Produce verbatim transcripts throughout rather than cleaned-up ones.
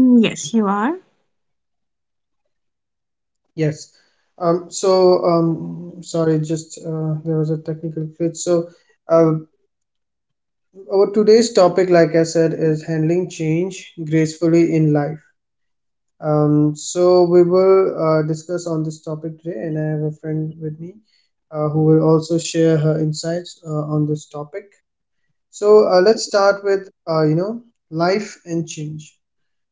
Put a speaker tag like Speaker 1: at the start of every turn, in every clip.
Speaker 1: Mm, yes, you are.
Speaker 2: Yes. Um, so, um, sorry, just uh, there was a technical glitch. So, uh, our today's topic, like I said, is handling change gracefully in life. Um, so, we will uh, discuss on this topic today, and I have a friend with me uh, who will also share her insights uh, on this topic. So, uh, let's start with, uh, you know, life and change.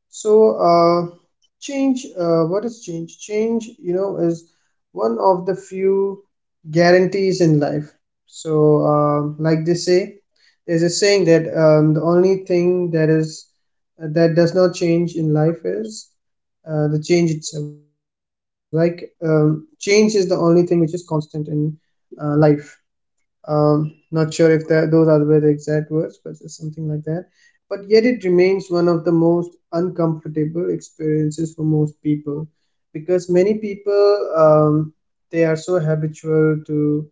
Speaker 2: So, uh, change, uh, what is change? Change, you know, is one of the few guarantees in life. So, um, like they say, there's a saying that um, the only thing that is uh, that does not change in life is uh, the change itself. Like, um, change is the only thing which is constant in uh, life. Um, not sure if that those are were the exact words, but it's something like that. But yet it remains one of the most uncomfortable experiences for most people, because many people um, they are so habitual to,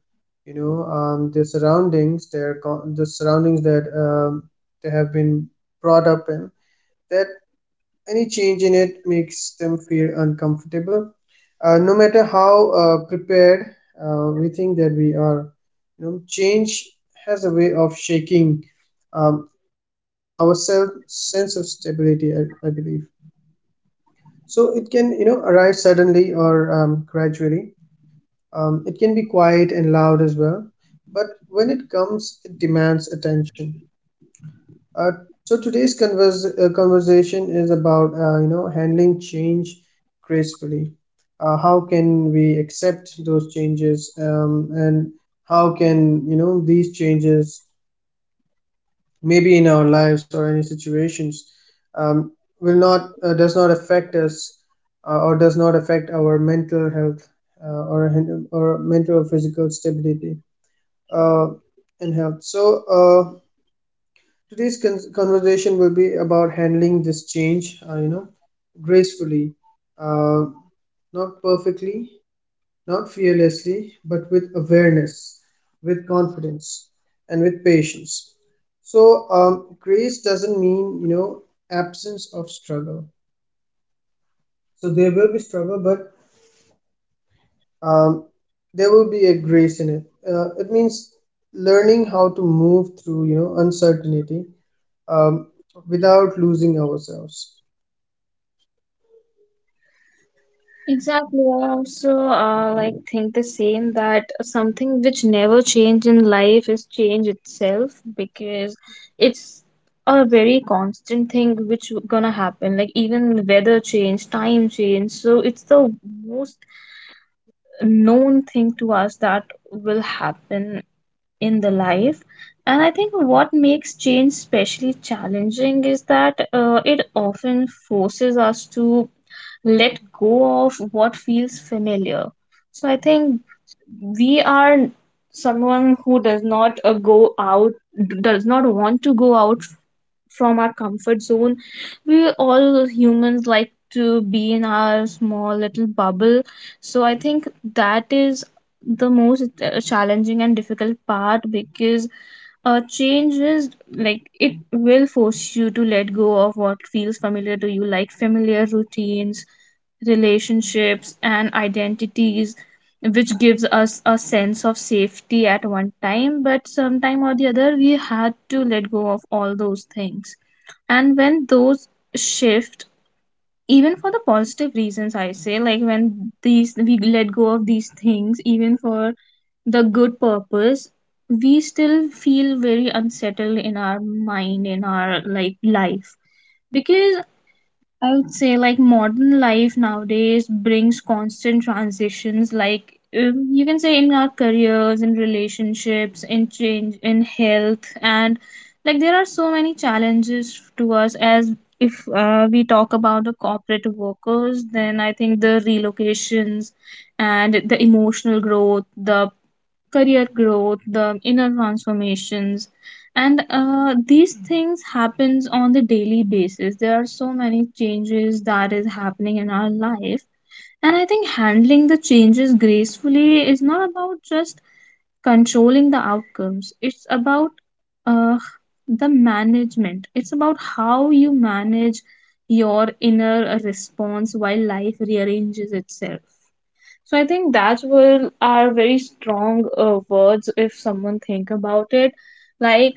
Speaker 2: you know, um, their surroundings, their co- the surroundings that um, they have been brought up in that any change in it makes them feel uncomfortable. Uh, no matter how uh, prepared uh, we think that we are, you know, change has a way of shaking um, our self sense of stability. I, I believe so. It can, you know, arrive suddenly or um, gradually. Um, it can be quiet and loud as well. But when it comes, it demands attention. Uh, so today's convers- uh, conversation is about uh, you know handling change gracefully. Uh, how can we accept those changes, um, and how can you know these changes, maybe in our lives or any situations, um, will not uh, does not affect us uh, or does not affect our mental health uh, or hen- or mental or physical stability uh, and health. So. Uh, Today's con- conversation will be about handling this change, uh, you know, gracefully, uh, not perfectly, not fearlessly, but with awareness, with confidence, and with patience. So, um, grace doesn't mean, you know, absence of struggle. So, there will be struggle, but um, there will be a grace in it. Uh, it means learning how to move through, you know, uncertainty um, without losing ourselves.
Speaker 1: Exactly. I also uh, like think the same that something which never change in life is change itself, because it's a very constant thing which w- gonna happen. Like even weather change, time change. So it's the most known thing to us that will happen in the life. And I think what makes change especially challenging is that uh, it often forces us to let go of what feels familiar. So I think we are someone who does not uh, go out, does not want to go out from our comfort zone. We all humans like to be in our small little bubble. So I think that is the most uh, challenging and difficult part, because uh, change is like it will force you to let go of what feels familiar to you, like familiar routines, relationships, and identities, which gives us a sense of safety at one time, but sometime or the other we had to let go of all those things. And when those shift, even for the positive reasons, I say like when these we let go of these things even for the good purpose, we still feel very unsettled in our mind, in our like life, because I would say like modern life nowadays brings constant transitions, like um, you can say in our careers, in relationships, in change in health. And like there are so many challenges to us. As if uh, we talk about the corporate workers, then I think the relocations and the emotional growth, the career growth, the inner transformations, and uh, these things happens on the daily basis. There are so many changes that is happening in our life. And I think handling the changes gracefully is not about just controlling the outcomes. It's about uh, the management. It's about how you manage your inner response while life rearranges itself. So I think that's will are very strong uh, words if someone think about it. Like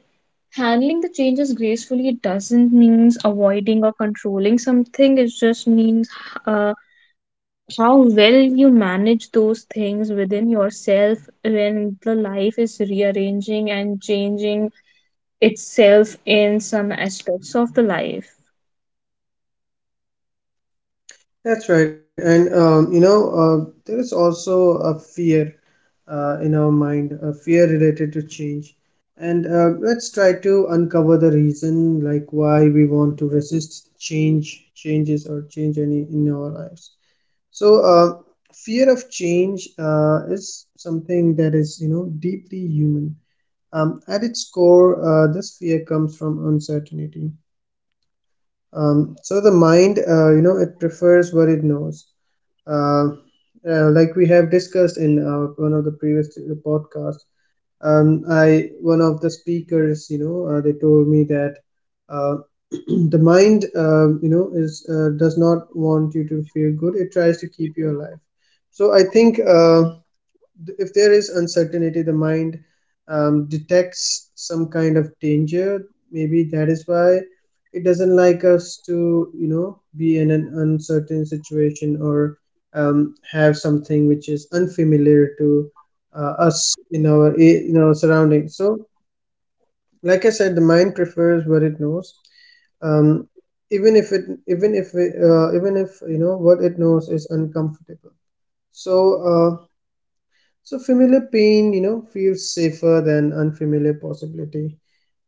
Speaker 1: handling the changes gracefully doesn't means avoiding or controlling something. It just means uh, how well you manage those things within yourself when the life is rearranging and changing itself in some aspects of the life.
Speaker 2: That's right. And, um, you know, uh, there is also a fear uh, in our mind, a fear related to change. And uh, Let's try to uncover the reason, like why we want to resist change, changes, or change any in our lives. So, uh, Fear of change uh, is something that is, you know, deeply human. Um, at its core, uh, this fear comes from uncertainty. Um, so the mind, uh, you know, it prefers what it knows uh, uh, like we have discussed in uh, one of the previous podcasts um, I One of the speakers you know uh, they told me that uh, the mind uh, you know is uh, does not want you to feel good. It tries to keep you alive. So I think uh, if there is uncertainty, the mind um, detects some kind of danger. Maybe that is why it doesn't like us to, you know, be in an uncertain situation or um, have something which is unfamiliar to uh, us in our in our surroundings. So, like I said, the mind prefers what it knows. Um, even if it even if it, uh, Even if you know what it knows is uncomfortable so uh. So familiar pain, you know, feels safer than unfamiliar possibility.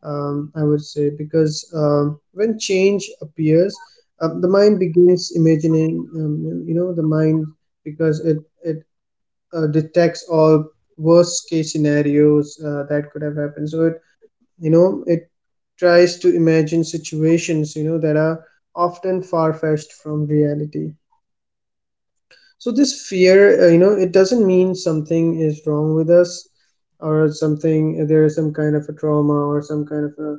Speaker 2: Um, I would say because um, when change appears, um, the mind begins imagining. Um, you know, the mind, because it it uh, detects all worst case scenarios uh, that could have happened. So it, you know it tries to imagine situations you know that are often far fetched from reality. So this fear, uh, you know it doesn't mean something is wrong with us or something uh, there is some kind of a trauma or some kind of a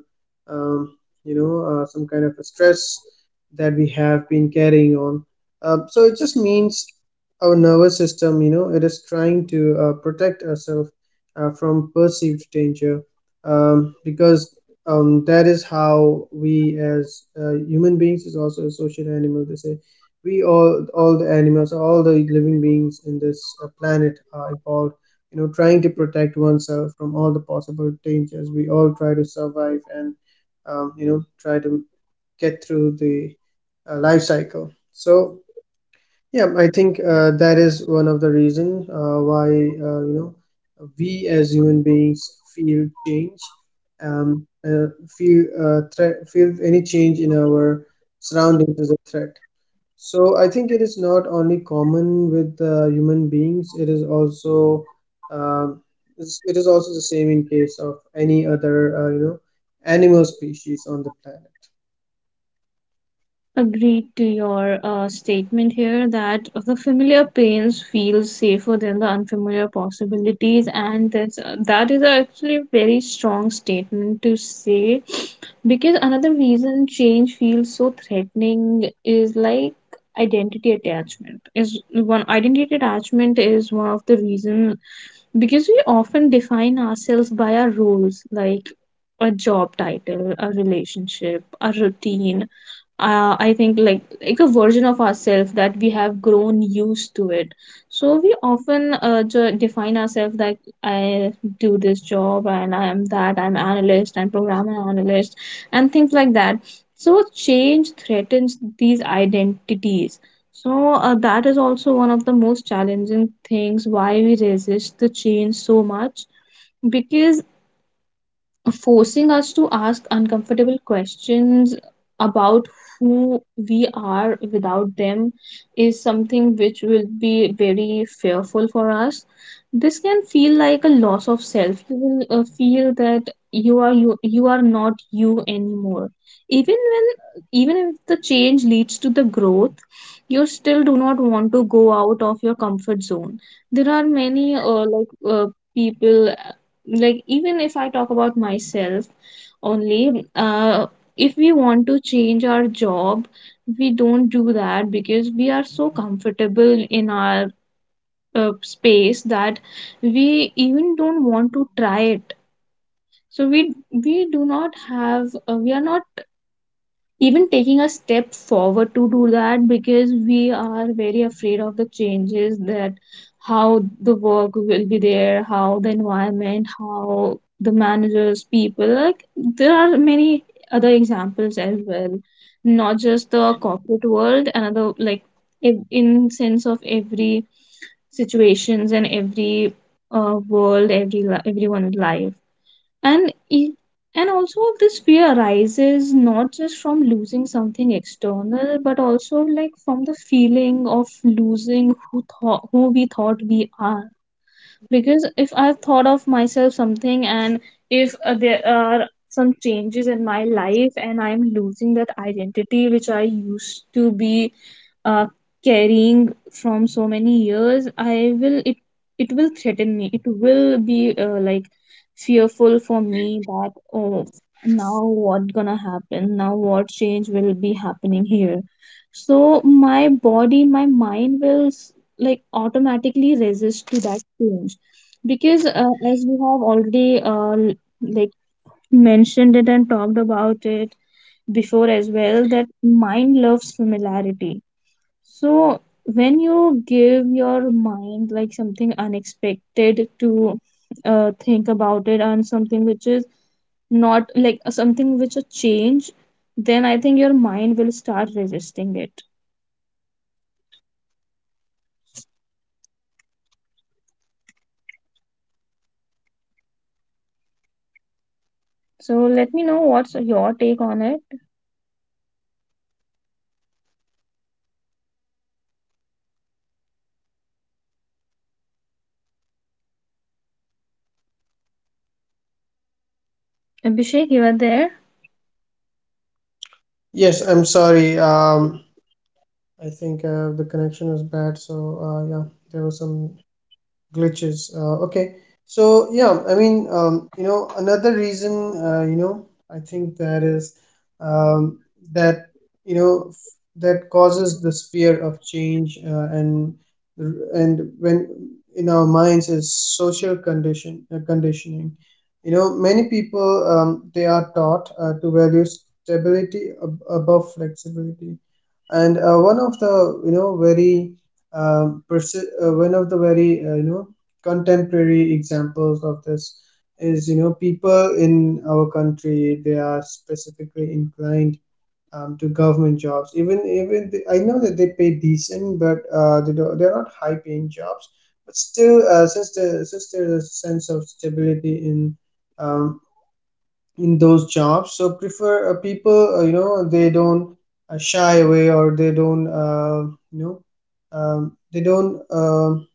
Speaker 2: um, you know uh, some kind of a stress that we have been carrying on. Uh, so it just means our nervous system, you know it is trying to uh, protect ourselves uh, from perceived danger, um, because um, that is how we as uh, human beings is also a social animal, they say. We all all the animals, all the living beings in this uh, planet are evolved, you know trying to protect oneself from all the possible dangers. We all try to survive and, um, you know try to get through the uh, life cycle. So yeah, I think uh, that is one of the reason uh, why uh, you know we as human beings feel change, um, uh, feel uh, threat, feel any change in our surroundings as a threat. So I think it is not only common with uh, human beings, it is also um, it's- it is also the same in case of any other uh, you know animal species on the planet.
Speaker 1: Agreed to your uh, statement here that the familiar pains feel safer than the unfamiliar possibilities, and that's, uh, that is actually a very strong statement to say, because another reason change feels so threatening is like identity attachment is one identity attachment is one of the reason, because we often define ourselves by our roles, like a job title, a relationship, a routine. uh, I think like like a version of ourselves that we have grown used to it. So we often uh, ju- define ourselves that I do this job and I am that. I'm analyst, I'm programmer analyst, and things like that. So change threatens these identities. So uh, that is also one of the most challenging things why we resist the change so much, because forcing us to ask uncomfortable questions about who we are without them is something which will be very fearful for us. This can feel like a loss of self. You will uh, feel that you are you, you are not you anymore, even when even if the change leads to the growth, you still do not want to go out of your comfort zone. There are many uh, like uh, people, like even if I talk about myself only, uh, if we want to change our job, we don't do that, because we are so comfortable in our uh, space that we even don't want to try it. So we we do not have uh, we are not even taking a step forward to do that, because we are very afraid of the changes, that how the work will be there, how the environment, how the managers, people, like there are many other examples as well, not just the corporate world. Another like ev- in sense of every situations and every uh, world, every li- everyone's life. And e- and also this fear arises not just from losing something external, but also like from the feeling of losing who thought who we thought we are. Because if I've thought of myself something, and if uh, there are some changes in my life, and I'm losing that identity which I used to be uh, carrying from so many years, I will it it will threaten me, it will be uh, like fearful for me, that oh, now what gonna happen, now what change will be happening here. So my body, my mind will s- like automatically resist to that change, because uh, as we have already uh, l- like mentioned it and talked about it before as well, that mind loves familiarity. So when you give your mind like something unexpected to uh, think about it, and something which is not like uh, something which a change, then I think your mind will start resisting it. So let me know what's your take on it. Abhishek, you are there?
Speaker 2: Yes, I'm sorry. Um, I think uh, the connection was bad, so uh, yeah, there was some glitches uh, Okay, so yeah, I mean, um, you know another reason, uh, you know I think that is um, that you know f- that causes this fear of change, uh, and and when in our minds is social condition uh, conditioning. you know many people, um, they are taught uh, to value stability ab- above flexibility. And uh, one of the, you know very um, persi- uh, one of the very, uh, you know contemporary examples of this is, you know people in our country, they are specifically inclined um, to government jobs. Even even the, I know that they pay decent, but uh, they do they're not high paying jobs. But still, uh, since the since there's a sense of stability in um, in those jobs, so prefer uh, people, uh, you know they don't uh, shy away or they don't, uh, you know um, they don't um,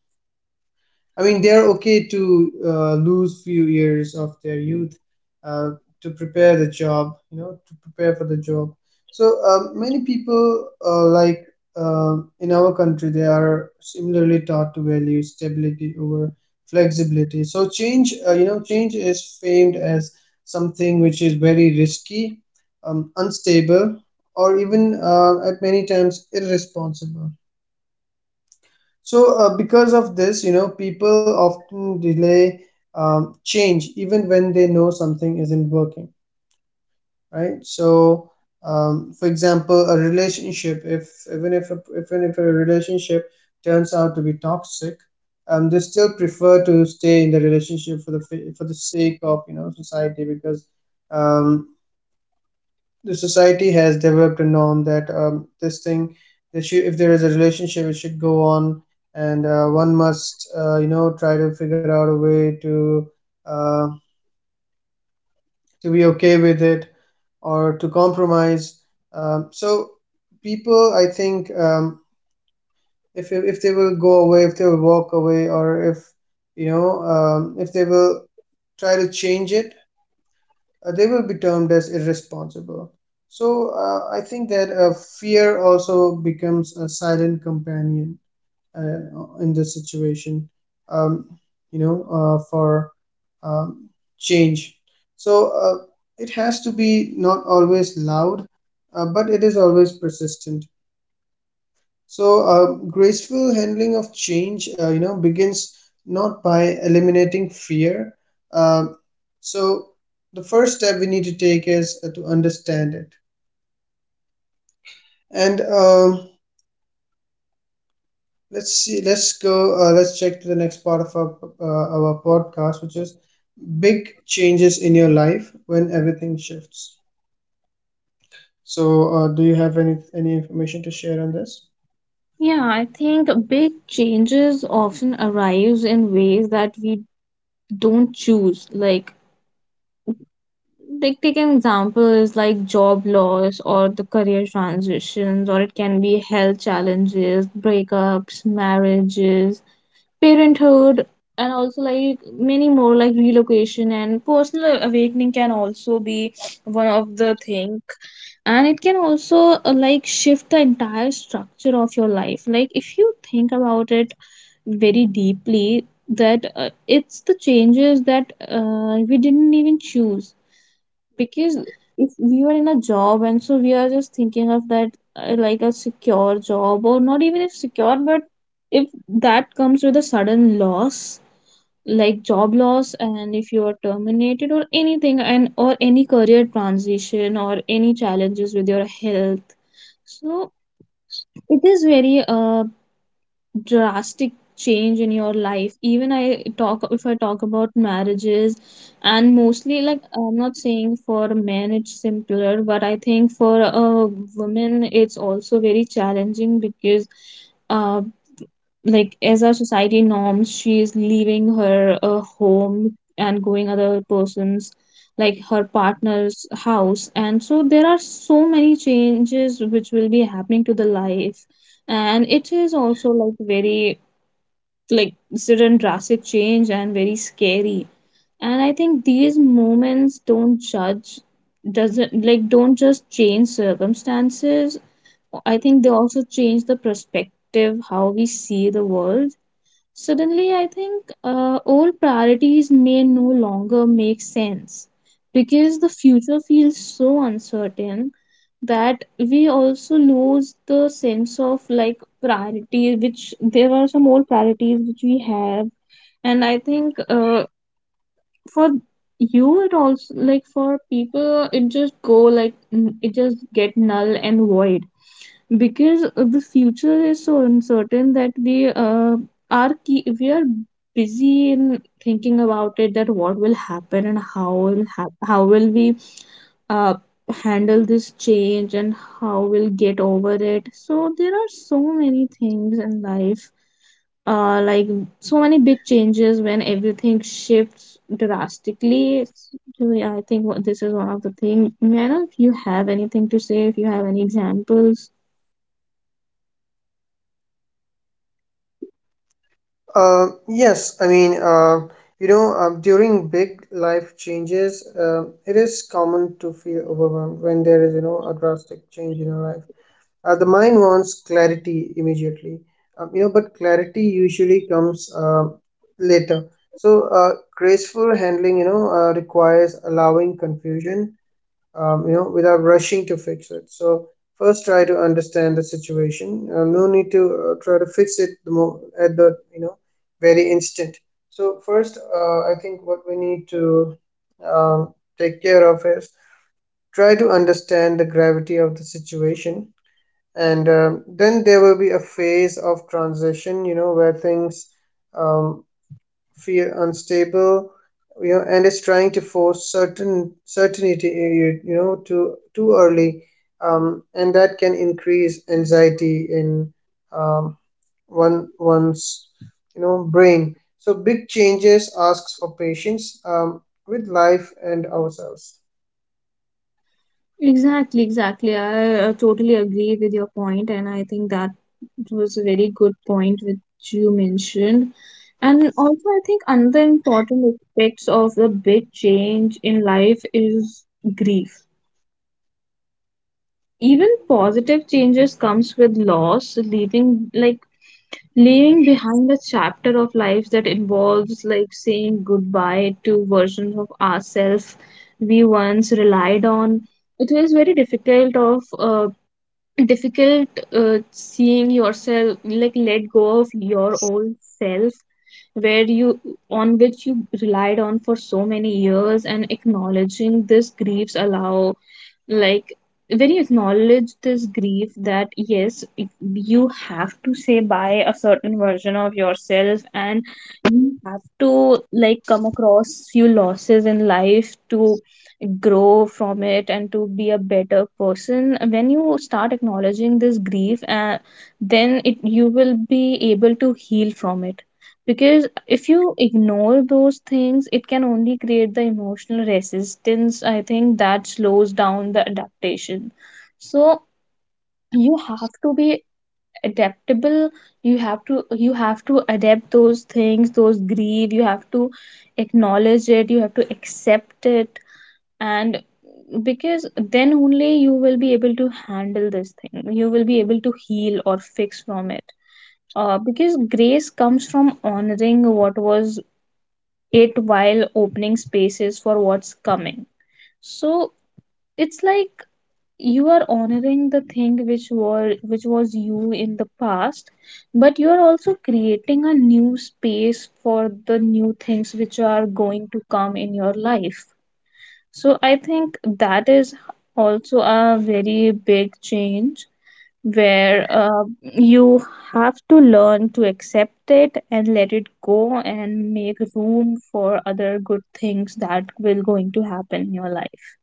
Speaker 2: I mean, they're okay to uh, lose few years of their youth uh, to prepare the job, you know, to prepare for the job. So uh, many people, uh, like uh, in our country, they are similarly taught to value stability over flexibility. So change, uh, you know, change is famed as something which is very risky, um, unstable, or even uh, at many times irresponsible. So, uh, because of this, you know, people often delay um, change even when they know something isn't working, right? So, um, for example, a relationship, if even if a, even if a relationship turns out to be toxic, um, they still prefer to stay in the relationship for the fa- for the sake of, you know, society, because um, the society has developed a norm that um, this thing that should, if there is a relationship it should go on. And uh, one must, uh, you know try to figure out a way to uh, to be okay with it or to compromise. Um, so people, I think, um, if if they will go away, if they will walk away, or if you know um, if they will try to change it, uh, they will be termed as irresponsible. So uh, I think that uh, fear also becomes a silent companion uh, in this situation, um, you know, uh, for um, change. So uh, it has to be not always loud, uh, but it is always persistent. So, uh, graceful handling of change, uh, you know, begins not by eliminating fear. Um, so, the first step we need to take is uh, to understand it. And um, let's see, let's go, uh, let's check to the next part of our uh, our podcast, which is big changes in your life when everything shifts. So, uh, do you have any any information to share on this?
Speaker 1: Yeah, I think big changes often arise in ways that we don't choose. Like, like take an example is like job loss, or the career transitions, or it can be health challenges, breakups, marriages, parenthood, and also like many more, like relocation and personal awakening, can also be one of the thing. And it can also uh, like shift the entire structure of your life. Like if you think about it very deeply, that uh, it's the changes that uh, we didn't even choose, because if we were in a job and so we are just thinking of that uh, like a secure job or not, even if secure, but if that comes with a sudden loss, like job loss, and if you are terminated or anything, and or any career transition, or any challenges with your health, so it is very uh, drastic change in your life. Even I talk if I talk about marriages, and mostly like I'm not saying for men it's simpler, but I think for a woman it's also very challenging. Because uh, like as our society norms, she is leaving her uh, home and going other person's, like her partner's house, and so there are so many changes which will be happening to the life. And it is also like very like sudden drastic change and very scary. And I think these moments don't judge doesn't like don't just change circumstances. I think they also change the perspective how we see the world. Suddenly, I think uh, old priorities may no longer make sense, because the future feels so uncertain, that we also lose the sense of like priority, which there are some old priorities which we have. And I think uh, for you, it also like for people, it just go like n- it just get null and void, because uh, the future is so uncertain that we uh, are key, we are busy in thinking about it, that what will happen and how will hap- how will we uh, handle this change, and how we'll get over it. So there are so many things in life, uh, like so many big changes when everything shifts drastically. It's- I think what this is one of the thing. Man, if you have anything to say, if you have any examples.
Speaker 2: Uh, yes, I mean, uh, you know, um, during big life changes, um, it is common to feel overwhelmed when there is, you know, a drastic change in your life. Uh, the mind wants clarity immediately, um, you know, but clarity usually comes uh, later. So, uh, graceful handling, you know, uh, requires allowing confusion, um, you know, without rushing to fix it. So first, try to understand the situation. Uh, no need to uh, try to fix it the mo- at the, you know very instant. So first, uh, I think what we need to um, take care of is try to understand the gravity of the situation, and um, then there will be a phase of transition. You know, where things um, fear unstable you know and is trying to force certain certainty eh, you, you know too too early. Um, and that can increase anxiety in um, one one's you know brain. So big changes asks for patience um, with life and ourselves.
Speaker 1: Exactly, exactly. I uh, totally agree with your point, and I think that was a very good point which you mentioned. And also, I think another important aspects of the big change in life is grief. Even positive changes comes with loss, leaving like leaving behind a chapter of life that involves like saying goodbye to versions of ourselves we once relied on. It is very difficult of uh, difficult uh, seeing yourself like let go of your old self where you on which you relied on for so many years. And acknowledging this griefs allow, like, when you acknowledge this grief that yes it- you have to say bye a certain version of yourself and you have to like come across few losses in life to grow from it and to be a better person. When you start acknowledging this grief, uh, then it you will be able to heal from it, because if you ignore those things it can only create the emotional resistance, I think, that slows down the adaptation. So you have to be adaptable. You have to you have to adapt those things, those grief, you have to acknowledge it, you have to accept it, and because then only you will be able to handle this thing, you will be able to heal or fix from it, uh, because grace comes from honoring what was it while opening spaces for what's coming. So it's like you are honoring the thing which were which was you in the past, but you are also creating a new space for the new things which are going to come in your life. So I think that is also a very big change where uh, you have to learn to accept it and let it go and make room for other good things that will going to happen in your life.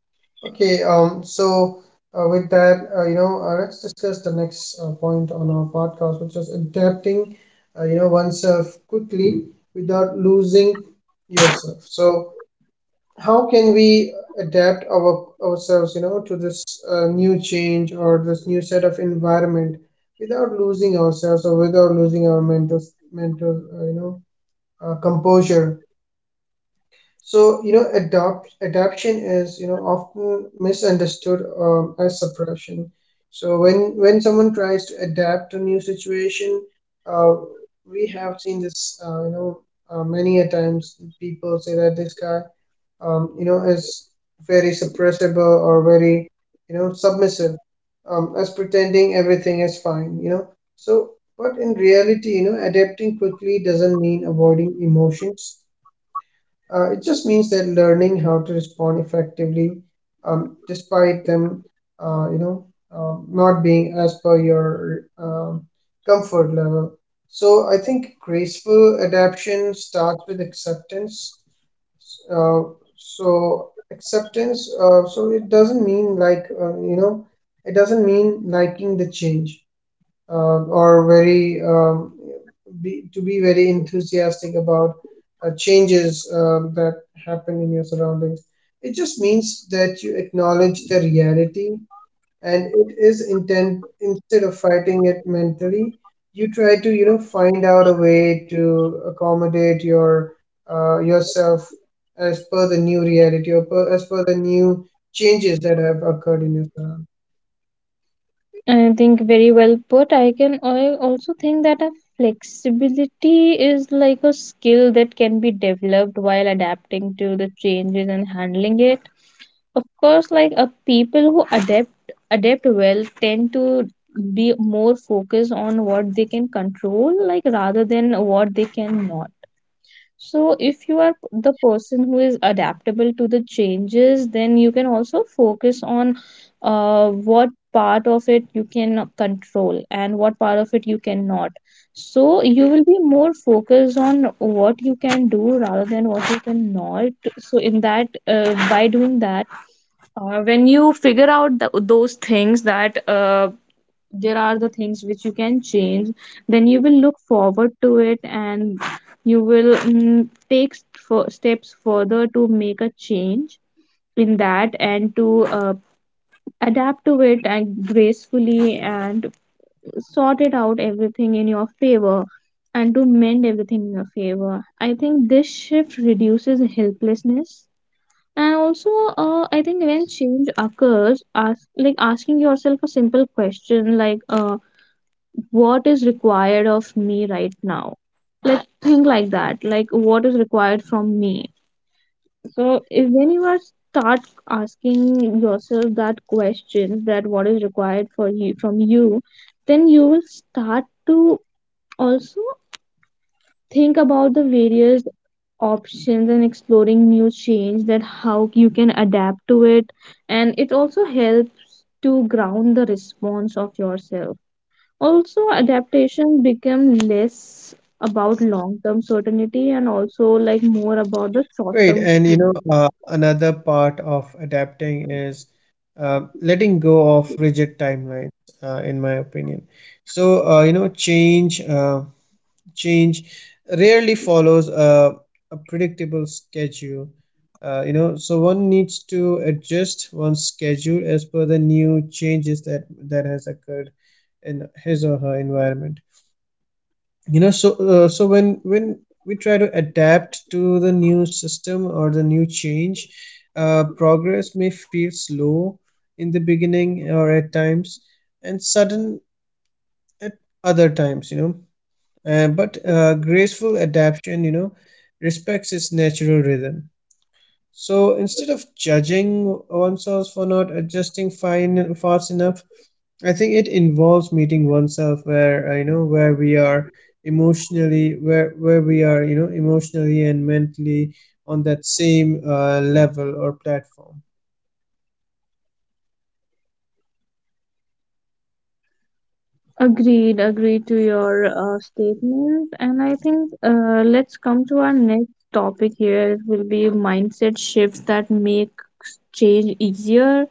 Speaker 2: Okay, um, so uh, with that, uh, you know, uh, let's discuss the next uh, point on our podcast, which is adapting, uh, you know, oneself quickly without losing yourself. So, how can we adapt our ourselves, you know, to this uh, new change or this new set of environment without losing ourselves or without losing our mental mental, uh, you know, uh, composure? So, you know, adopt adaptation is, you know, often misunderstood um, as suppression. So when when someone tries to adapt to new situation, uh, we have seen this, uh, you know, uh, many a times people say that this guy, um, you know, is very suppressible or very, you know, submissive, um, as pretending everything is fine, you know. So, but in reality, you know, adapting quickly doesn't mean avoiding emotions. Uh, it just means that learning how to respond effectively, um, despite them, uh, you know, um, not being as per your um, comfort level. So I think graceful adaptation starts with acceptance. Uh, so Acceptance, uh, so it doesn't mean like, uh, you know, it doesn't mean liking the change, uh, or very um, be, to be very enthusiastic about uh, changes um, that happen in your surroundings. It just means that you acknowledge the reality and it is intent. Instead of fighting it mentally, you try to, you know, find out a way to accommodate your uh, yourself as per the new reality or per, as per the new changes that have occurred in your surroundings.
Speaker 1: I think very well put. I can I also think that a flexibility is like a skill that can be developed while adapting to the changes and handling it. Of course, like, uh, people who adapt adapt well tend to be more focused on what they can control, like rather than what they cannot. So, if you are the person who is adaptable to the changes, then you can also focus on uh, what part of it you can control and what part of it you cannot. So, you will be more focused on what you can do rather than what you cannot. So, in that, uh, by doing that uh, when you figure out th- those things that, uh, there are the things which you can change, then you will look forward to it and you will mm, take st- for steps further to make a change in that and to uh, adapt to it and gracefully and sort it out everything in your favor and to mend everything in your favor. I think this shift reduces helplessness. And also, uh, I think when change occurs, ask, like asking yourself a simple question like, uh, "What is required of me right now?" Like think like that. Like what is required from me. So if when you are start asking yourself that question, that what is required for you from you, then you will start to also think about the various options and exploring new change that how you can adapt to it. And it also helps to ground the response of yourself. Also adaptation become less about long term certainty and also like more about the short
Speaker 2: Great.
Speaker 1: term.
Speaker 2: And you know, uh, another part of adapting is uh, letting go of rigid timelines, uh, in my opinion. So, uh, you know, change uh, change rarely follows a, a predictable schedule. Uh, you know, so one needs to adjust one's schedule as per the new changes that that has occurred in his or her environment. You know, so uh, so when when we try to adapt to the new system or the new change, uh, progress may feel slow in the beginning or at times, and sudden at other times, you know. Uh, but uh, graceful adaptation, you know, respects its natural rhythm. So instead of judging oneself for not adjusting fine fast enough, I think it involves meeting oneself where, uh, you know where we are emotionally, where where we are, you know, emotionally and mentally, on that same uh, level or platform.
Speaker 1: Agreed, agreed to your uh, statements, and I think, uh, let's come to our next topic here. It will be mindset shifts that make change easier.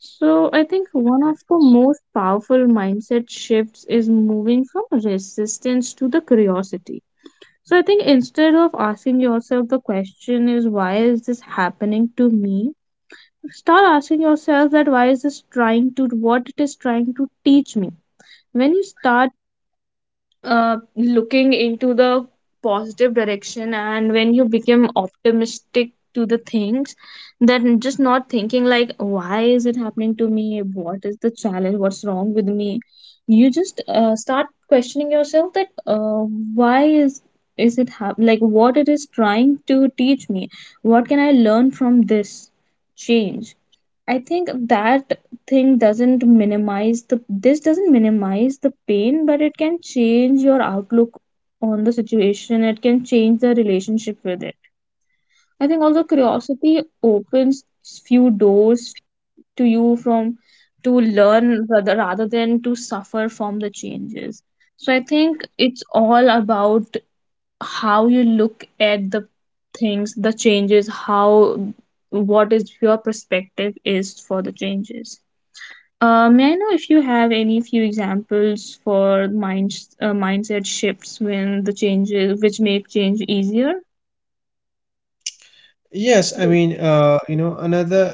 Speaker 1: So, I think one of the most powerful mindset shifts is moving from resistance to the curiosity. So, I think instead of asking yourself the question is why is this happening to me, start asking yourself that why is this trying to what it is trying to teach me. When you start uh, looking into the positive direction and when you become optimistic to the things, then just not thinking like why is it happening to me, what is the challenge, what's wrong with me, you just uh, start questioning yourself that, uh, why is is it hap- like what it is trying to teach me, what can I learn from this change. I think that thing doesn't minimize the this doesn't minimize the pain, but it can change your outlook on the situation, it can change the relationship with it. I think also curiosity opens few doors to you from to learn rather, rather than to suffer from the changes. So I think it's all about how you look at the things, the changes, how what is your perspective is for the changes. Uh, may I know if you have any few examples for minds uh, mindset shifts when the changes which make change easier?
Speaker 2: Yes, I mean uh, you know another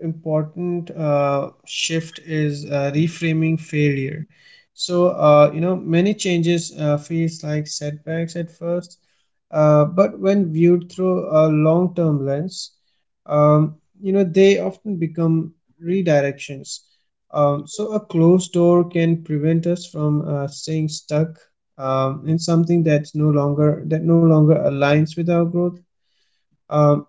Speaker 2: important uh, shift is uh, reframing failure. So uh, you know many changes uh, feels like setbacks at first, uh, but when viewed through a long-term lens, um, you know they often become redirections. Um, so a closed door can prevent us from uh, staying stuck um, in something that's no longer that no longer aligns with our growth. um,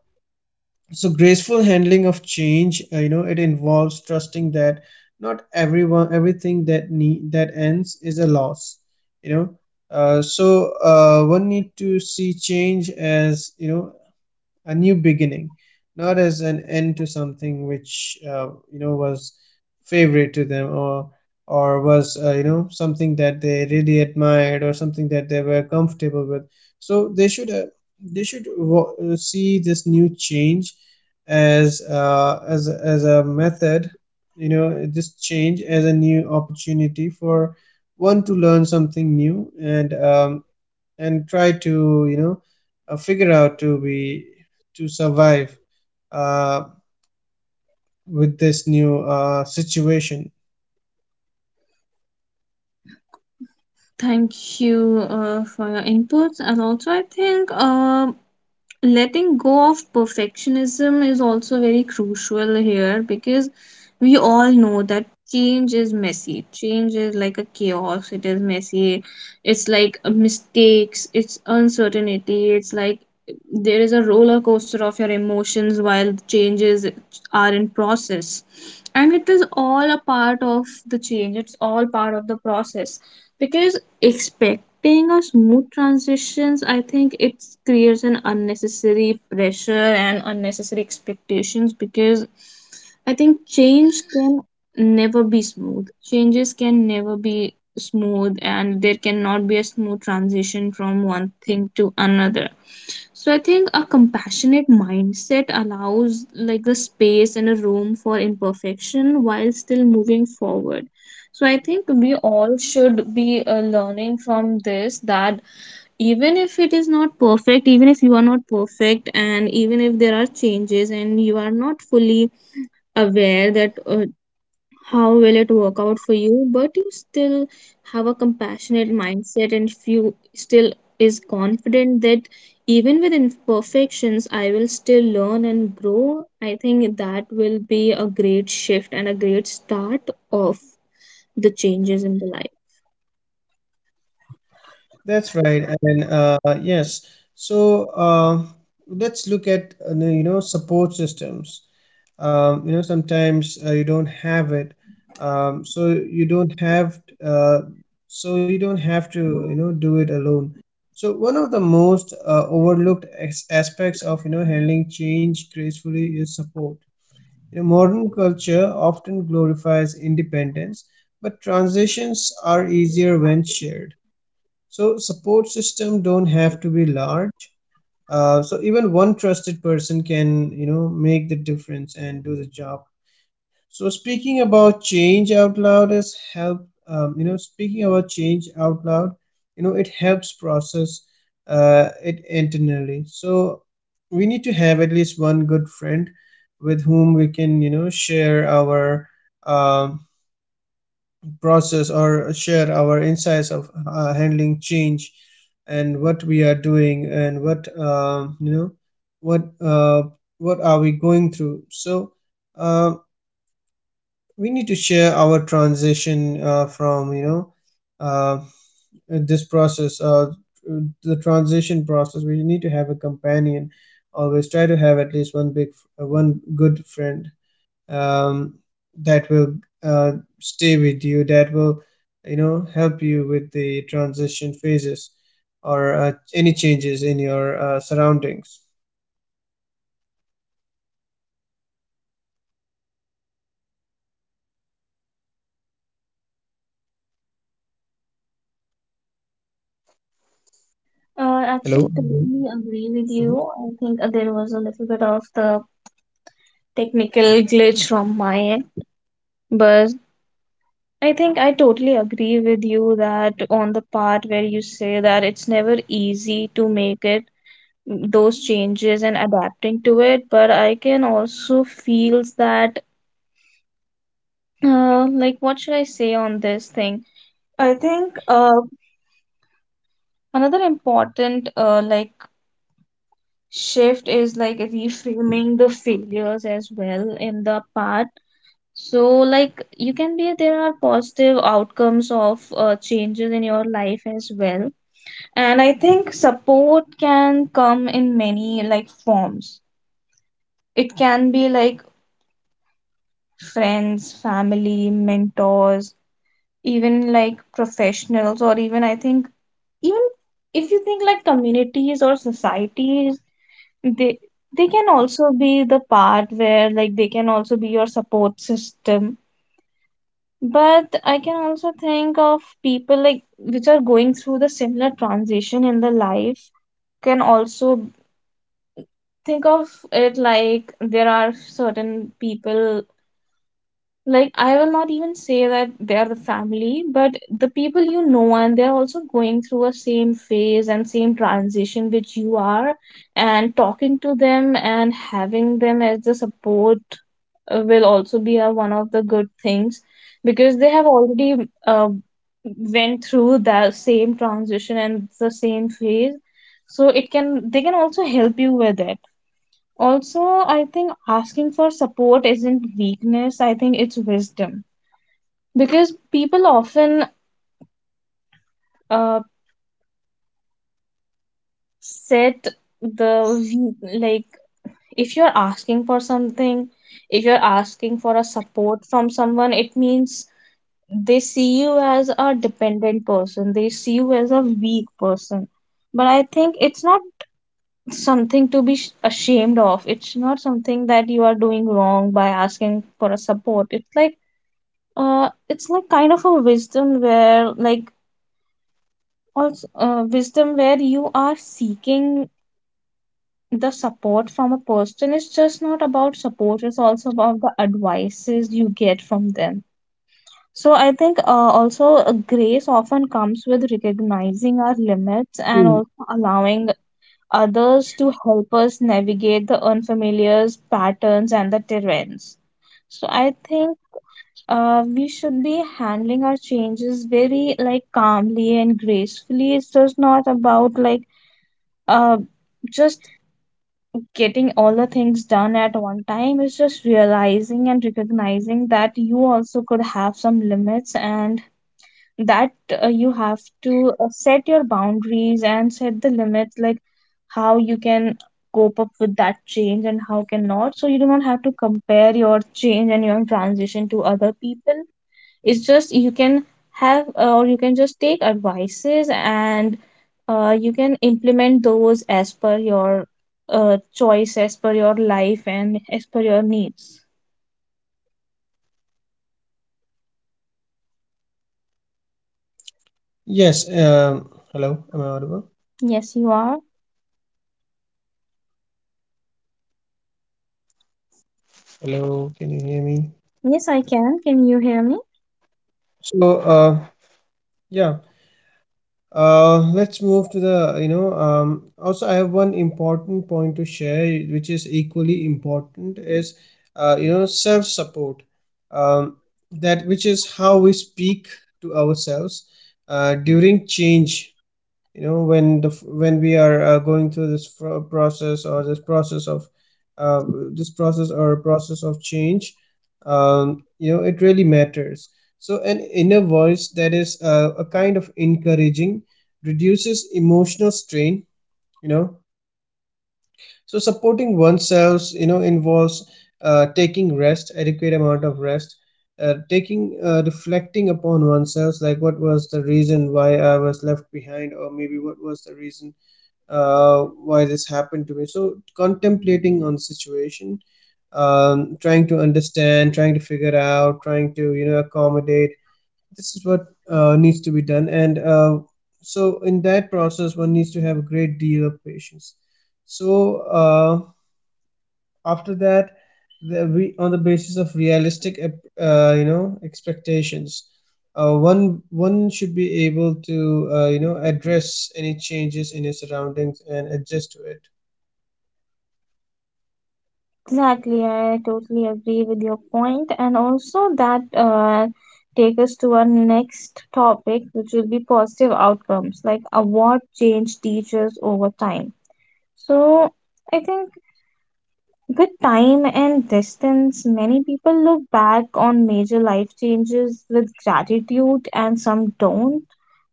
Speaker 2: so graceful handling of change, uh, you know it involves trusting that not everyone everything that need that ends is a loss, you know. Uh, so uh, one need to see change as, you know, a new beginning, not as an end to something which, uh, you know was favorite to them, or or was, uh, you know something that they really admired or something that they were comfortable with. So they should uh, they should wa- uh, see this new change as, uh, as a- as a method, you know, this change as a new opportunity for one to learn something new, and um, and try to, you know, uh, figure out to be to survive uh, with this new uh, situation.
Speaker 1: Thank you uh, for your inputs, and also I think, um, letting go of perfectionism is also very crucial here, because we all know that change is messy, change is like a chaos, it is messy, it's like mistakes, it's uncertainty, it's like there is a roller coaster of your emotions while the changes are in process, and it is all a part of the change, it's all part of the process. Because expect being a smooth transitions, I think it creates an unnecessary pressure and unnecessary expectations, because I think change can never be smooth, changes can never be smooth, and there cannot be a smooth transition from one thing to another. So I think a compassionate mindset allows like the space and a room for imperfection while still moving forward. So I think we all should be uh, learning from this that even if it is not perfect, even if you are not perfect, and even if there are changes and you are not fully aware that, uh, how will it work out for you, but you still have a compassionate mindset, and if you still is confident that even with imperfections I will still learn and grow, I think that will be a great shift and a great start of the changes in the life.
Speaker 2: That's right, and uh, yes. So uh, let's look at, uh, you know support systems. Um, you know, sometimes uh, you don't have it. Um, so you don't have uh, so you don't have to, you know, do it alone. So one of the most uh, overlooked as- aspects of, you know, handling change gracefully is support. You know, modern culture often glorifies independence, but transitions are easier when shared. So support system don't have to be large. Uh, so even one trusted person can, you know, make the difference and do the job. So speaking about change out loud is help. Um, you know, speaking about change out loud, you know, it helps process uh, it internally. So we need to have at least one good friend with whom we can, you know, share our um, process or share our insights of uh, handling change, and what we are doing and what, um, you know, what uh, what are we going through. So. Um, we need to share our transition uh, from, you know, uh, this process, uh, the transition process. We need to have a companion. Always try to have at least one big uh, one good friend um, that will uh, stay with you, that will, you know, help you with the transition phases, or uh, any changes in your uh, surroundings.
Speaker 1: Uh,
Speaker 2: Hello.
Speaker 1: actually, totally agree with you. I think, uh, there was a little bit of the technical glitch from my end, but I think I totally agree with you that on the part where you say that it's never easy to make it those changes and adapting to it, but I can also feel that, uh, like what should I say on this thing? I think, uh, another important uh, like shift is like reframing the failures as well in the part. So like you can be there are positive outcomes of uh, changes in your life as well. And I think support can come in many like forms. It can be like friends, family, mentors, even like professionals, or even I think even if you think like communities or societies, they they can also be the part where like they can also be your support system. But I can also think of people like which are going through the similar transition in the life can also think of it like there are certain people like I will not even say that they are the family, but the people you know, and they're also going through a same phase and same transition which you are, and talking to them and having them as the support uh, will also be a, one of the good things, because they have already uh, went through the same transition and the same phase, so it can they can also help you with it. Also, I think asking for support isn't weakness, I think it's wisdom. Because people often uh, set the we- like if you're asking for something, if you're asking for a support from someone, it means they see you as a dependent person, they see you as a weak person. But I think it's not something to be sh- ashamed of. It's not something that you are doing wrong by asking for a support. It's like, uh, it's like kind of a wisdom where like also, uh, wisdom where you are seeking the support from a person. It's just not about support, it's also about the advices you get from them. So I think, uh, also, uh, grace often comes with recognizing our limits and
Speaker 2: Mhm.
Speaker 1: also allowing others to help us navigate the unfamiliar patterns and the terrains. So I think, uh, we should be handling our changes very like calmly and gracefully. It's just not about like, uh, just getting all the things done at one time. It's just realizing and recognizing that you also could have some limits, and that, uh, you have to uh, set your boundaries and set the limits, like how you can cope up with that change and how cannot. So you do not have to compare your change and your transition to other people. It's just you can have, uh, or you can just take advices and, uh, you can implement those as per your, uh, choice, as per your life, and as per your needs.
Speaker 2: Yes. Um, hello, am I audible?
Speaker 1: Yes, you are.
Speaker 2: Hello, can you hear me?
Speaker 1: Yes, I can. Can you hear me?
Speaker 2: So uh, yeah, uh, let's move to the, you know. Um, also, I have one important point to share, which is equally important, is uh, you know self support. Um, that, which is how we speak to ourselves uh, during change. You know, when the, when we are, uh, going through this fro- process or this process of uh, this process or process of change, um, you know it really matters. So an inner voice that is uh, a kind of encouraging reduces emotional strain, you know. So supporting oneself, you know, involves uh, taking rest, adequate amount of rest, uh, taking uh, reflecting upon oneself, like what was the reason why I was left behind, or maybe what was the reason uh, why this happened to me. So contemplating on the situation, um, trying to understand, trying to figure out, trying to, you know, accommodate. This is what uh, needs to be done, and uh, so in that process, one needs to have a great deal of patience. So uh, after that, the, we on the basis of realistic, uh, you know expectations, uh, one one should be able to, uh, you know address any changes in his surroundings and adjust to it.
Speaker 1: Exactly, I totally agree with your point, and also that, uh, take us to our next topic which will be positive outcomes like, uh, what change teaches over time. So I think with time and distance, many people look back on major life changes with gratitude and some don't.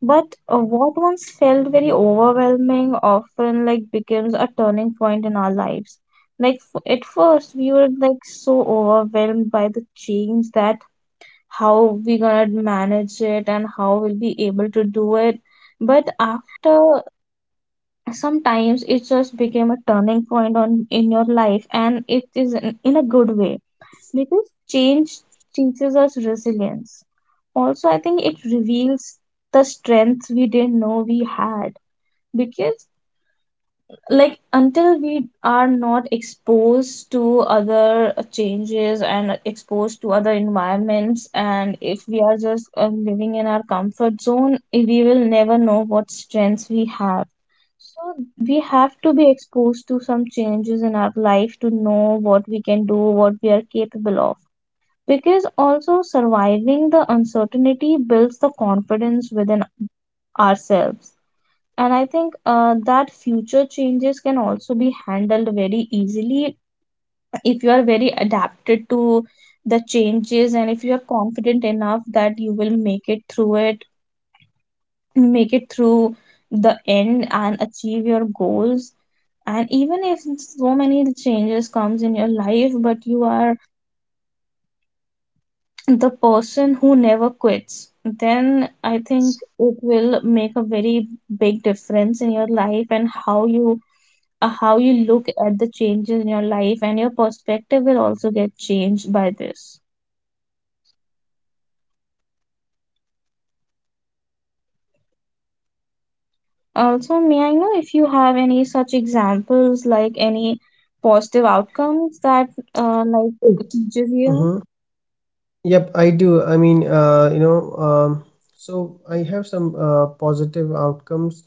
Speaker 1: But uh, what once felt very overwhelming often like becomes a turning point in our lives. Like f- at first we were like so overwhelmed by the change that how we gonna manage it and how we'll be able to do it. But after sometimes it just became a turning point on in your life, and it is in, in a good way, because change teaches us resilience. Also I think it reveals the strengths we didn't know we had, because like until we are not exposed to other changes and exposed to other environments, and if we are just uh, living in our comfort zone, we will never know what strengths we have. So we have to be exposed to some changes in our life to know what we can do, what we are capable of. Because also surviving the uncertainty builds the confidence within ourselves. And I think uh, that future changes can also be handled very easily if you are very adapted to the changes and if you are confident enough that you will make it through it, make it through the end and achieve your goals, and even if so many changes comes in your life but you are the person who never quits, then I think it will make a very big difference in your life and how you uh, how you look at the changes in your life, and your perspective will also get changed by this. Also, may I know if you have any such examples, like any positive outcomes that uh, like teaches you?
Speaker 2: Mhm. Yep, I do. I mean, uh, you know, um, so I have some uh, positive outcomes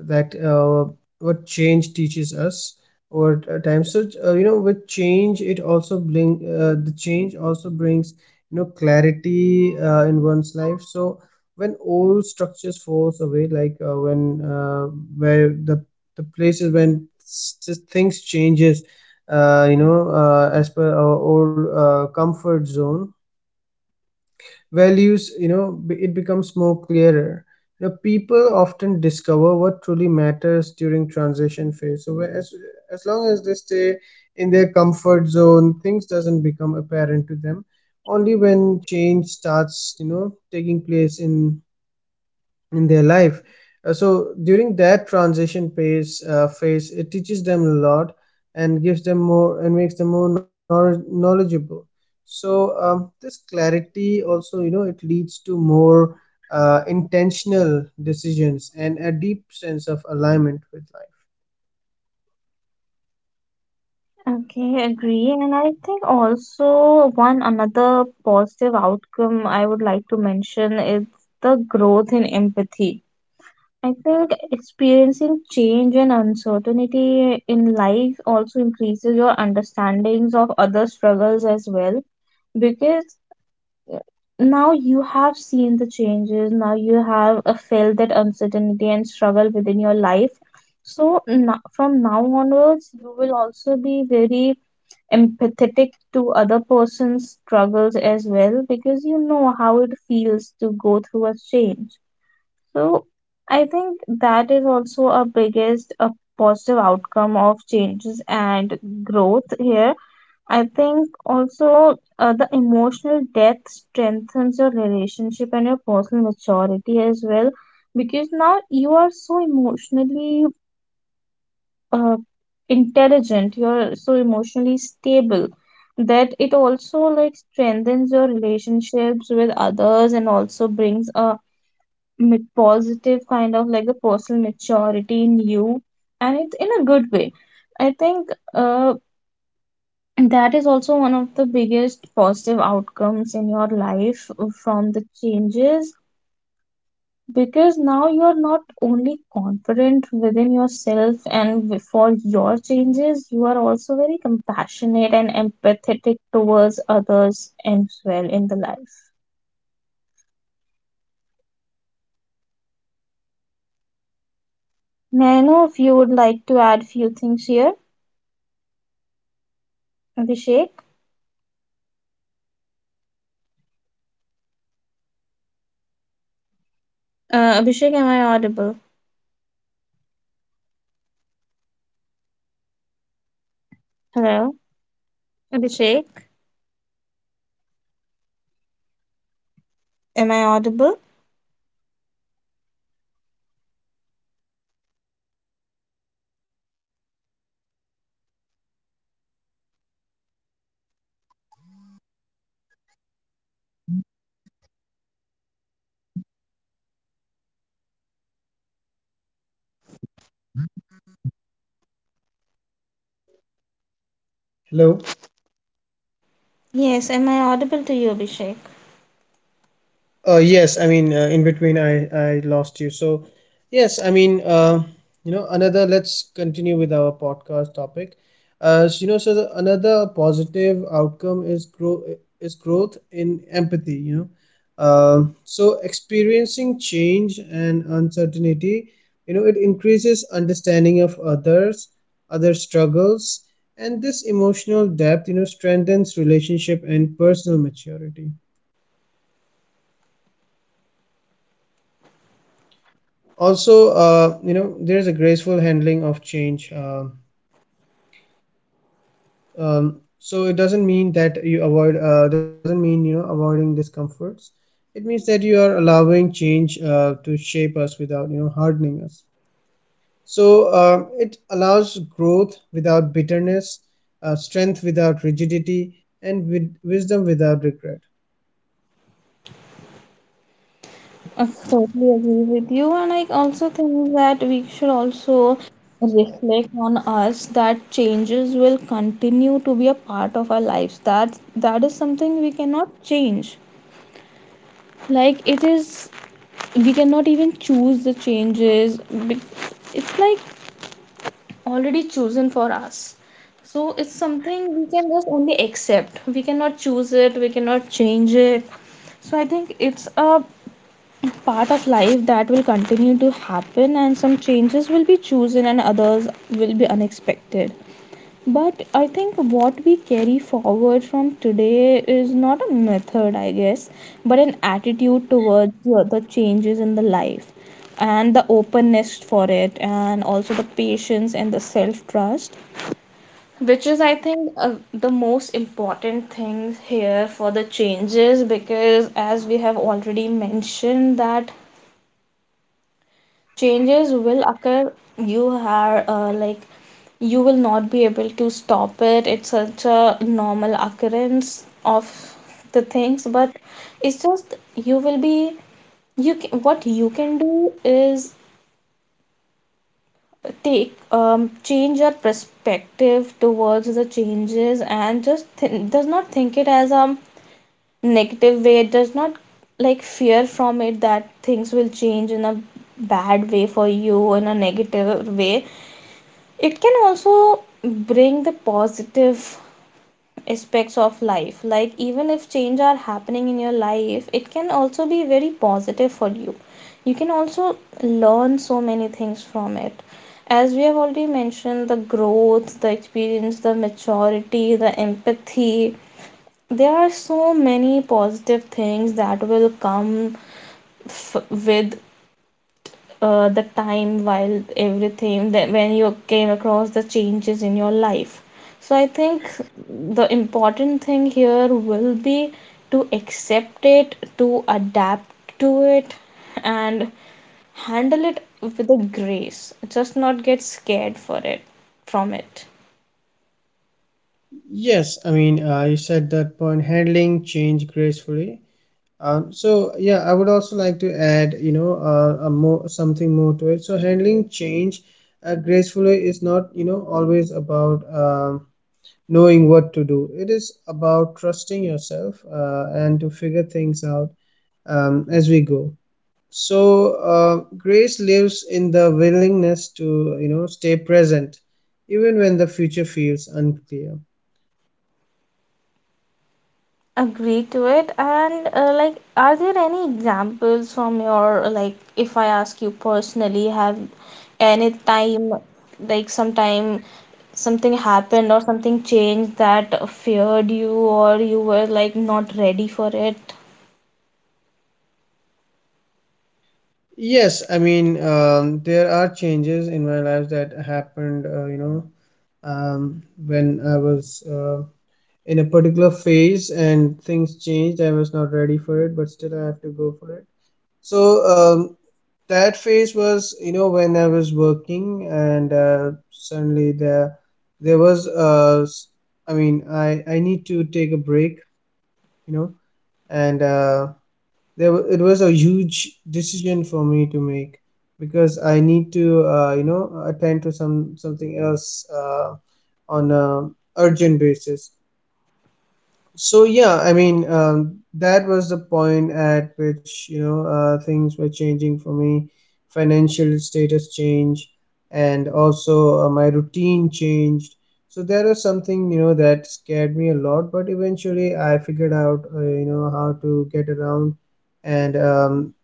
Speaker 2: that uh, what change teaches us over t- uh, time. So, uh, you know, with change, it also bring uh, the change also brings, you know, clarity uh, in one's life. So when old structures falls away, like uh, when uh, where the the places when s- just things changes, uh, you know, uh, as per our old uh, comfort zone values, you know, be- it becomes more clearer. You know, people often discover what truly matters during transition phase. So where- as, as long as they stay in their comfort zone, things doesn't become apparent to them, only when change starts, you know, taking place in in their life. Uh, so during that transition phase, uh, phase, it teaches them a lot and gives them more and makes them more knowledge- knowledgeable. So um, this clarity also, you know, it leads to more uh, intentional decisions and a deep sense of alignment with life.
Speaker 1: Okay, agree. And I think also one another positive outcome I would like to mention is the growth in empathy. I think experiencing change and uncertainty in life also increases your understandings of other struggles as well, because uh, now you have seen the changes, now you have uh, felt that uncertainty and struggle within your life. So, n- from now onwards, you will also be very empathetic to other person's struggles as well, because you know how it feels to go through a change. So I think that is also a biggest a positive outcome of changes and growth here. I think also uh, the emotional depth strengthens your relationship and your personal maturity as well, because now you are so emotionally uh, intelligent, you're so emotionally stable, that it also like strengthens your relationships with others and also brings a ma- positive kind of like the personal maturity in you, and it's in a good way. I think uh, that is also one of the biggest positive outcomes in your life from the changes, because now you are not only confident within yourself and w- for your changes, you are also very compassionate and empathetic towards others as well in the life. May I know if you would like to add few things here, Abhishek? Uh, abhishek, am I audible? Hello? Abhishek, am I audible?
Speaker 2: Hello.
Speaker 1: Yes, am I audible to you, Abhishek?
Speaker 2: Uh, yes, I mean, uh, in between, I I lost you. So, yes, I mean, uh, you know, another. Let's continue with our podcast topic. Uh, so, you know, so the, another positive outcome is grow is growth in empathy. You know, Um so experiencing change and uncertainty, you know, it increases understanding of others, other struggles, and this emotional depth, you know, strengthens relationship and personal maturity. Also, uh, you know there's a graceful handling of change. Uh, um, so it doesn't mean that you avoid uh, doesn't mean, you know, avoiding discomforts. It means that you are allowing change uh, to shape us without, you know, hardening us. So uh, it allows growth without bitterness, uh, strength without rigidity, and with wisdom without regret.
Speaker 1: I totally agree with you, and I also think that we should also
Speaker 2: Yeah.
Speaker 1: reflect on us that changes will continue to be a part of our lives. That that is something we cannot change. Like it is, we cannot even choose the changes. be- It's like already chosen for us. So it's something we can just only accept. We cannot choose it. We cannot change it. So I think it's a part of life that will continue to happen, and some changes will be chosen and others will be unexpected. But I think what we carry forward from today is not a method, I guess, but an attitude towards the the changes in the life, and the openness for it, and also the patience and the self trust, which is, I think, uh, the most important things here for the changes, because as we have already mentioned that changes will occur, you are uh, like, you will not be able to stop it. It's such a normal occurrence of the things. But it's just you will be, you can, what you can do is take um change your perspective towards the changes and just th- does not think it as a negative way, does not like fear from it that things will change in a bad way for you, in a negative way. It can also bring the positive aspects of life. Like even if change are happening in your life, it can also be very positive for you. You can also learn so many things from it. As we have already mentioned, the growth, the experience, the maturity, the empathy, there are so many positive things that will come f- with uh, the time while everything that when you came across the changes in your life. So I think the important thing here will be to accept it, to adapt to it, and handle it with a grace, just not get scared for it, from it.
Speaker 2: Yes, I mean uh, you said that point, handling change gracefully. Um, so yeah, I would also like to add, you know, uh, a more something more to it. So handling change uh, gracefully is not, you know, always about um, knowing what to do. It is about trusting yourself uh, and to figure things out um, as we go. So uh, grace lives in the willingness to, you know, stay present, even when the future feels unclear.
Speaker 1: Agree to it. And uh, like, are there any examples from your, like if I ask you personally, have any time, like sometime something happened or something changed that feared you or you were like not ready for it?
Speaker 2: Yes, I mean, um, there are changes in my life that happened, uh, you know um, when I was uh, in a particular phase and things changed. I was not ready for it, but still I have to go for it. So um, that phase was, you know, when I was working and uh, suddenly there there was uh, s- I mean, I I need to take a break, you know, and uh, there wa- it was a huge decision for me to make because I need to uh, you know attend to some something else uh, on a urgent basis. So yeah, I mean um, that was the point at which you know uh, things were changing for me. Financial status change, and also uh, my routine changed. So there was something, you know, that scared me a lot, but eventually I figured out, uh, you know how to get around and um,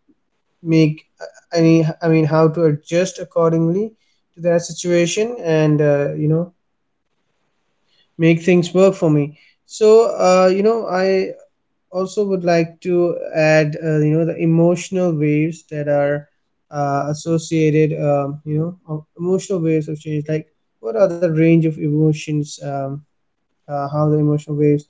Speaker 2: make uh, any I mean how to adjust accordingly to that situation and, uh, you know make things work for me. So uh, you know i also would like to add, uh, you know the emotional waves that are uh, associated, um, you know of emotional waves of change, like what are the range of emotions, um, uh, how the emotional waves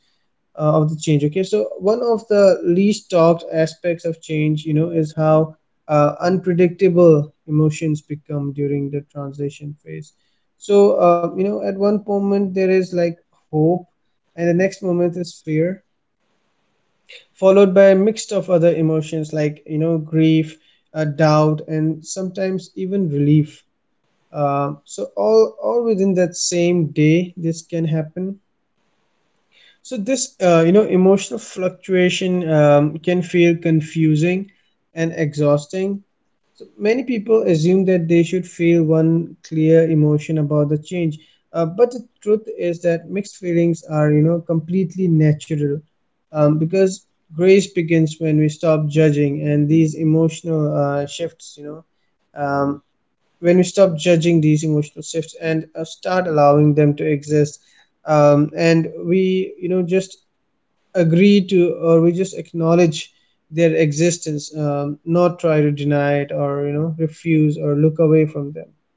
Speaker 2: uh, of the change. Okay, so one of the least talked aspects of change, you know, is how uh, unpredictable emotions become during the transition phase. So uh, you know at one moment there is like hope, and the next moment is fear, followed by a mix of other emotions like, you know, grief, uh, doubt, and sometimes even relief. Uh, so all all within that same day this can happen. So this, uh, you know, emotional fluctuation um, can feel confusing and exhausting. So many people assume that they should feel one clear emotion about the change, uh, but the truth is that mixed feelings are, you know, completely natural, um, because grace begins when we stop judging, and these emotional uh, shifts, you know. Um, when we stop judging these emotional shifts and uh, start allowing them to exist, um, and we, you know, just agree to, or we just acknowledge their existence, um, not try to deny it or, you know, refuse or look away from them.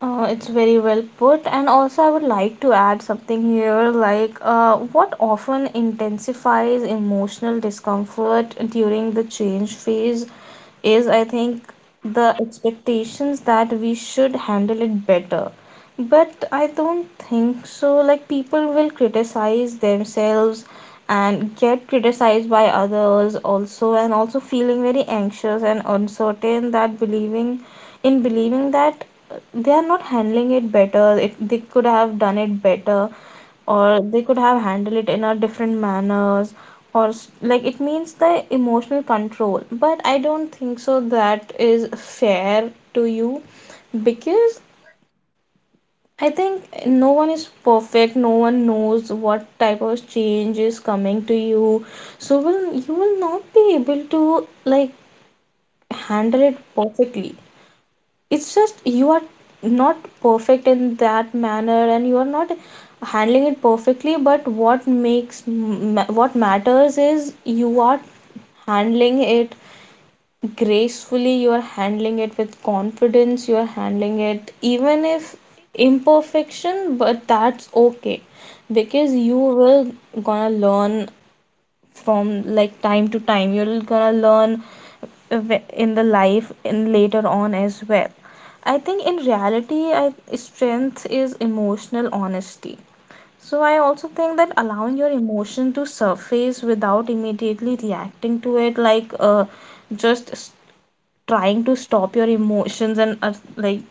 Speaker 1: Uh, it's very well put, and also I would like to add something here, like uh, what often intensifies emotional discomfort during the change phase is, I think, the expectations that we should handle it better. But I don't think so. Like, people will criticize themselves and get criticized by others also, and also feeling very anxious and uncertain, that believing in believing that uh, they are not handling it better, it, they could have done it better, or they could have handled it in a different manners, or s- like it means the emotional control. But I don't think so that is fair to you, because I think no one is perfect. No one knows what type of change is coming to you. So will you, will not be able to like handle it perfectly. It's just you are not perfect in that manner, and you are not handling it perfectly, but what makes ma- what matters is you are handling it gracefully, you are handling it with confidence, you are handling it even if imperfection, but that's okay, because you will gonna learn, from like time to time you're gonna learn in the life and later on as well. I think in reality I, strength is emotional honesty. So I also think that allowing your emotion to surface without immediately reacting to it, like uh, just trying to stop your emotions and uh, like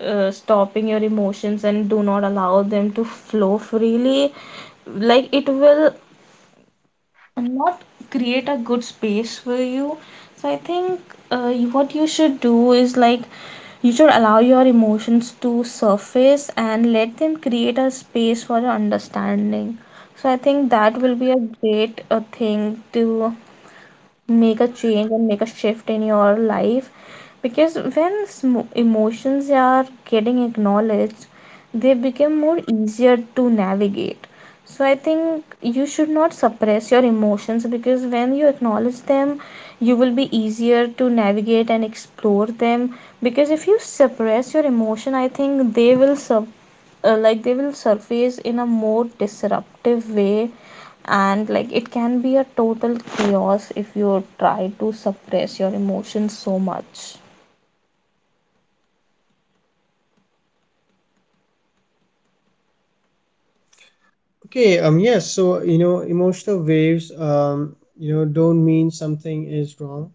Speaker 1: uh, stopping your emotions and do not allow them to flow freely, like it will not create a good space for you. So I think uh, you- what you should do is like, you should allow your emotions to surface and let them create a space for your understanding. So I think that will be a great uh, thing to make a change and make a shift in your life, because when smo- emotions are getting acknowledged, they become more easier to navigate. So I think you should not suppress your emotions, because when you acknowledge them you will be easier to navigate and explore them, because if you suppress your emotion, I think they will sub- uh, like, they will surface in a more disruptive way, and like it can be a total chaos if you try to suppress your emotions so much.
Speaker 2: Okay. Um yes, so you know emotional waves um you know don't mean something is wrong,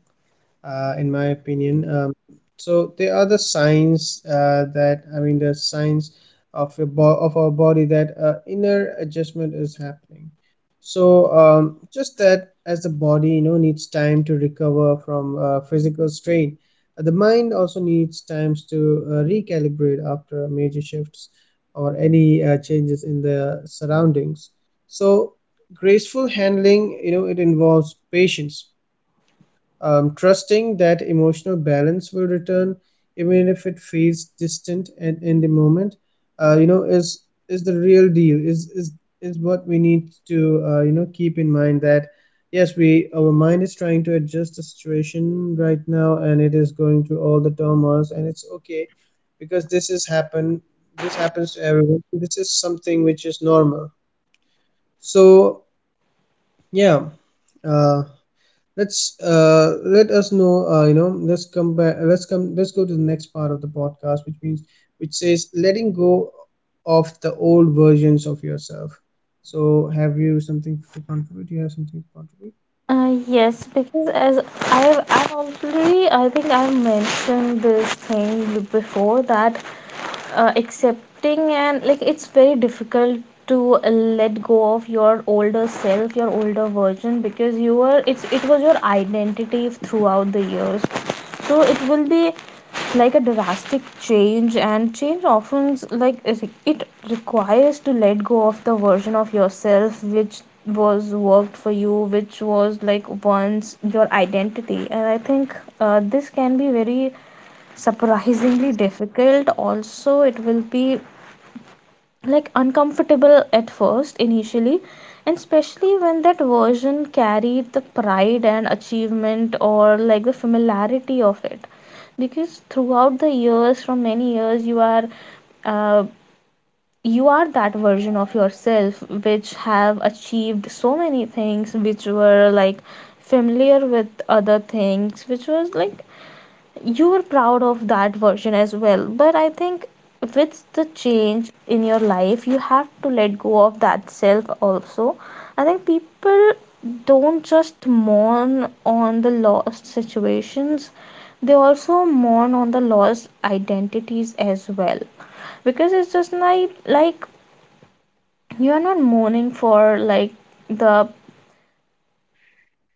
Speaker 2: uh, in my opinion. Um, so there are the signs uh, that I mean the signs of your bo- of our body that uh, inner adjustment is happening. So um, just that as the body, you know, needs time to recover from uh, physical strain, uh, the mind also needs times to uh, recalibrate after major shifts or any uh, changes in the surroundings. So graceful handling, you know, it involves patience, um, trusting that emotional balance will return, even if it feels distant and in the moment. uh, you know is is the real deal, is is is what we need to, uh, you know keep in mind that yes, we, our mind is trying to adjust the situation right now, and it is going through all the turmoils, and it's okay because this is happen this happens to everyone. This is something which is normal. So yeah, uh, let's uh, let us know, uh, you know let's come back let's come let's go to the next part of the podcast, which means which says letting go of the old versions of yourself. So have you something to contribute do you have something to contribute?
Speaker 1: Uh, yes, because as I have I have already, I think I have mentioned this thing before, that uh, accepting, and like it's very difficult to uh, let go of your older self, your older version, because you were, it's, it was your identity throughout the years. So it will be like a drastic change, and change often like it requires to let go of the version of yourself which was worked for you, which was like once your identity. And I think uh, this can be very surprisingly difficult, also it will be like uncomfortable at first initially, and especially when that version carried the pride and achievement, or like the familiarity of it, because throughout the years, from many years, you are uh, you are that version of yourself which have achieved so many things, which were like familiar with other things, which was like you were proud of that version as well. But I think with the change in your life you have to let go of that self also. I think people don't just mourn on the lost situations, they also mourn on the lost identities as well, because it's just like like you are not mourning for like the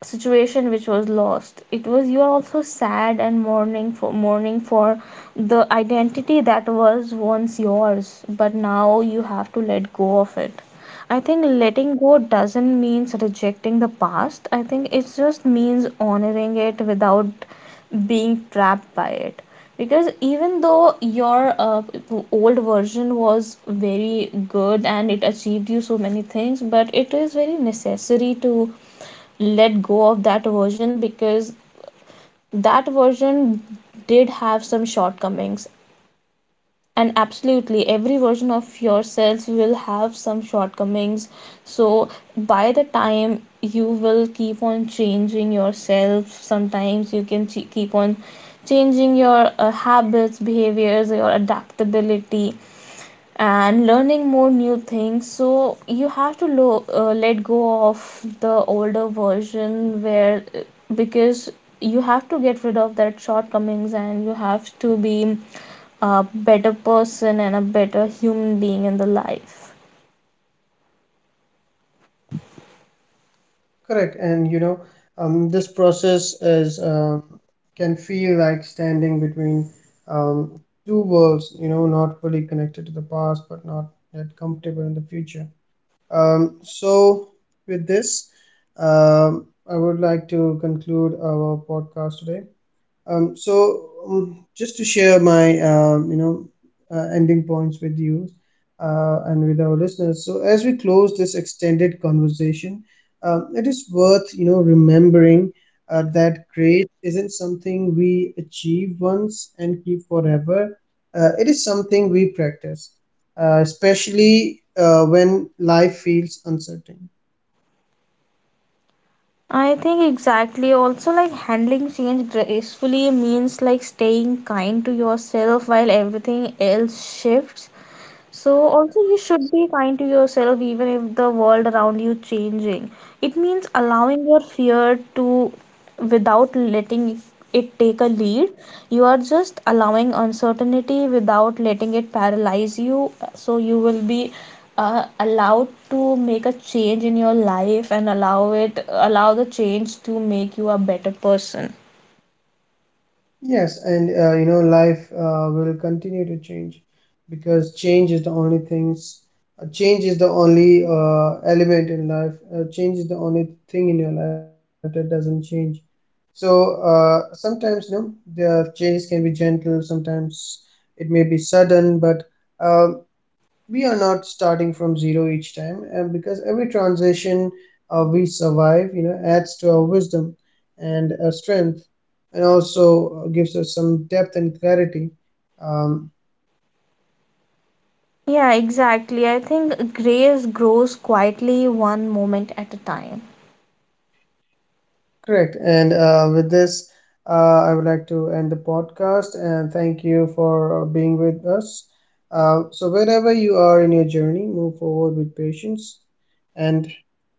Speaker 1: situation which was lost, it was, you are also sad and mourning for mourning for the identity that was once yours but now you have to let go of it. I think letting go doesn't means rejecting the past, I think it just means honoring it without being trapped by it, because even though your uh, old version was very good and it achieved you so many things, but it is very necessary to let go of that version, because that version did have some shortcomings, and absolutely every version of yourself will have some shortcomings. So by the time, you will keep on changing yourself, sometimes you can ch- keep on changing your uh, habits, behaviors, your adaptability, and learning more new things. So you have to lo- uh, let go of the older version where uh, because you have to get rid of that shortcomings, and you have to be a better person and a better human being in the life.
Speaker 2: Correct. And you know, um, this process is uh, can feel like standing between um, two worlds, you know, not fully connected to the past but not yet comfortable in the future. Um, so, with this, um, I would like to conclude our podcast today. Um, so um, just to share my, um, you know uh, ending points with you uh, and with our listeners. So as we close this extended conversation, um, it is worth, you know, remembering uh, that grace isn't something we achieve once and keep forever. Uh, it is something we practice, uh, especially uh, when life feels uncertain.
Speaker 1: I think exactly also like handling change gracefully means like staying kind to yourself while everything else shifts. So also you should be kind to yourself even if the world around you changing. It means allowing your fear to without letting it take a lead. You are just allowing uncertainty without letting it paralyze you. So you will be uh, allowed to make a change in your life and allow it, allow the change to make you a better person.
Speaker 2: Yes, and, uh, you know, life uh, will continue to change because change is the only things. Uh, change is the only uh, element in life. Uh, change is the only thing in your life that doesn't change. So uh, sometimes, you know, the changes can be gentle. Sometimes it may be sudden, but uh, we are not starting from zero each time, and because every transition uh, we survive, you know, adds to our wisdom and our strength, and also gives us some depth and clarity. um,
Speaker 1: Yeah, exactly. I think grace grows quietly, one moment at a time.
Speaker 2: Correct. And uh, with this, uh, I would like to end the podcast and thank you for uh, being with us. Uh, so wherever you are in your journey, move forward with patience and,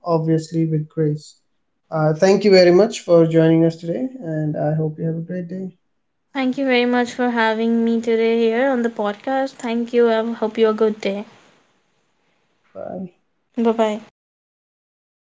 Speaker 2: obviously, with grace. Uh, thank you very much for joining us today, and I hope you have a great day.
Speaker 1: Thank you very much for having me today here on the podcast. Thank you. I hope you have a good day.
Speaker 2: Bye.
Speaker 1: Bye bye.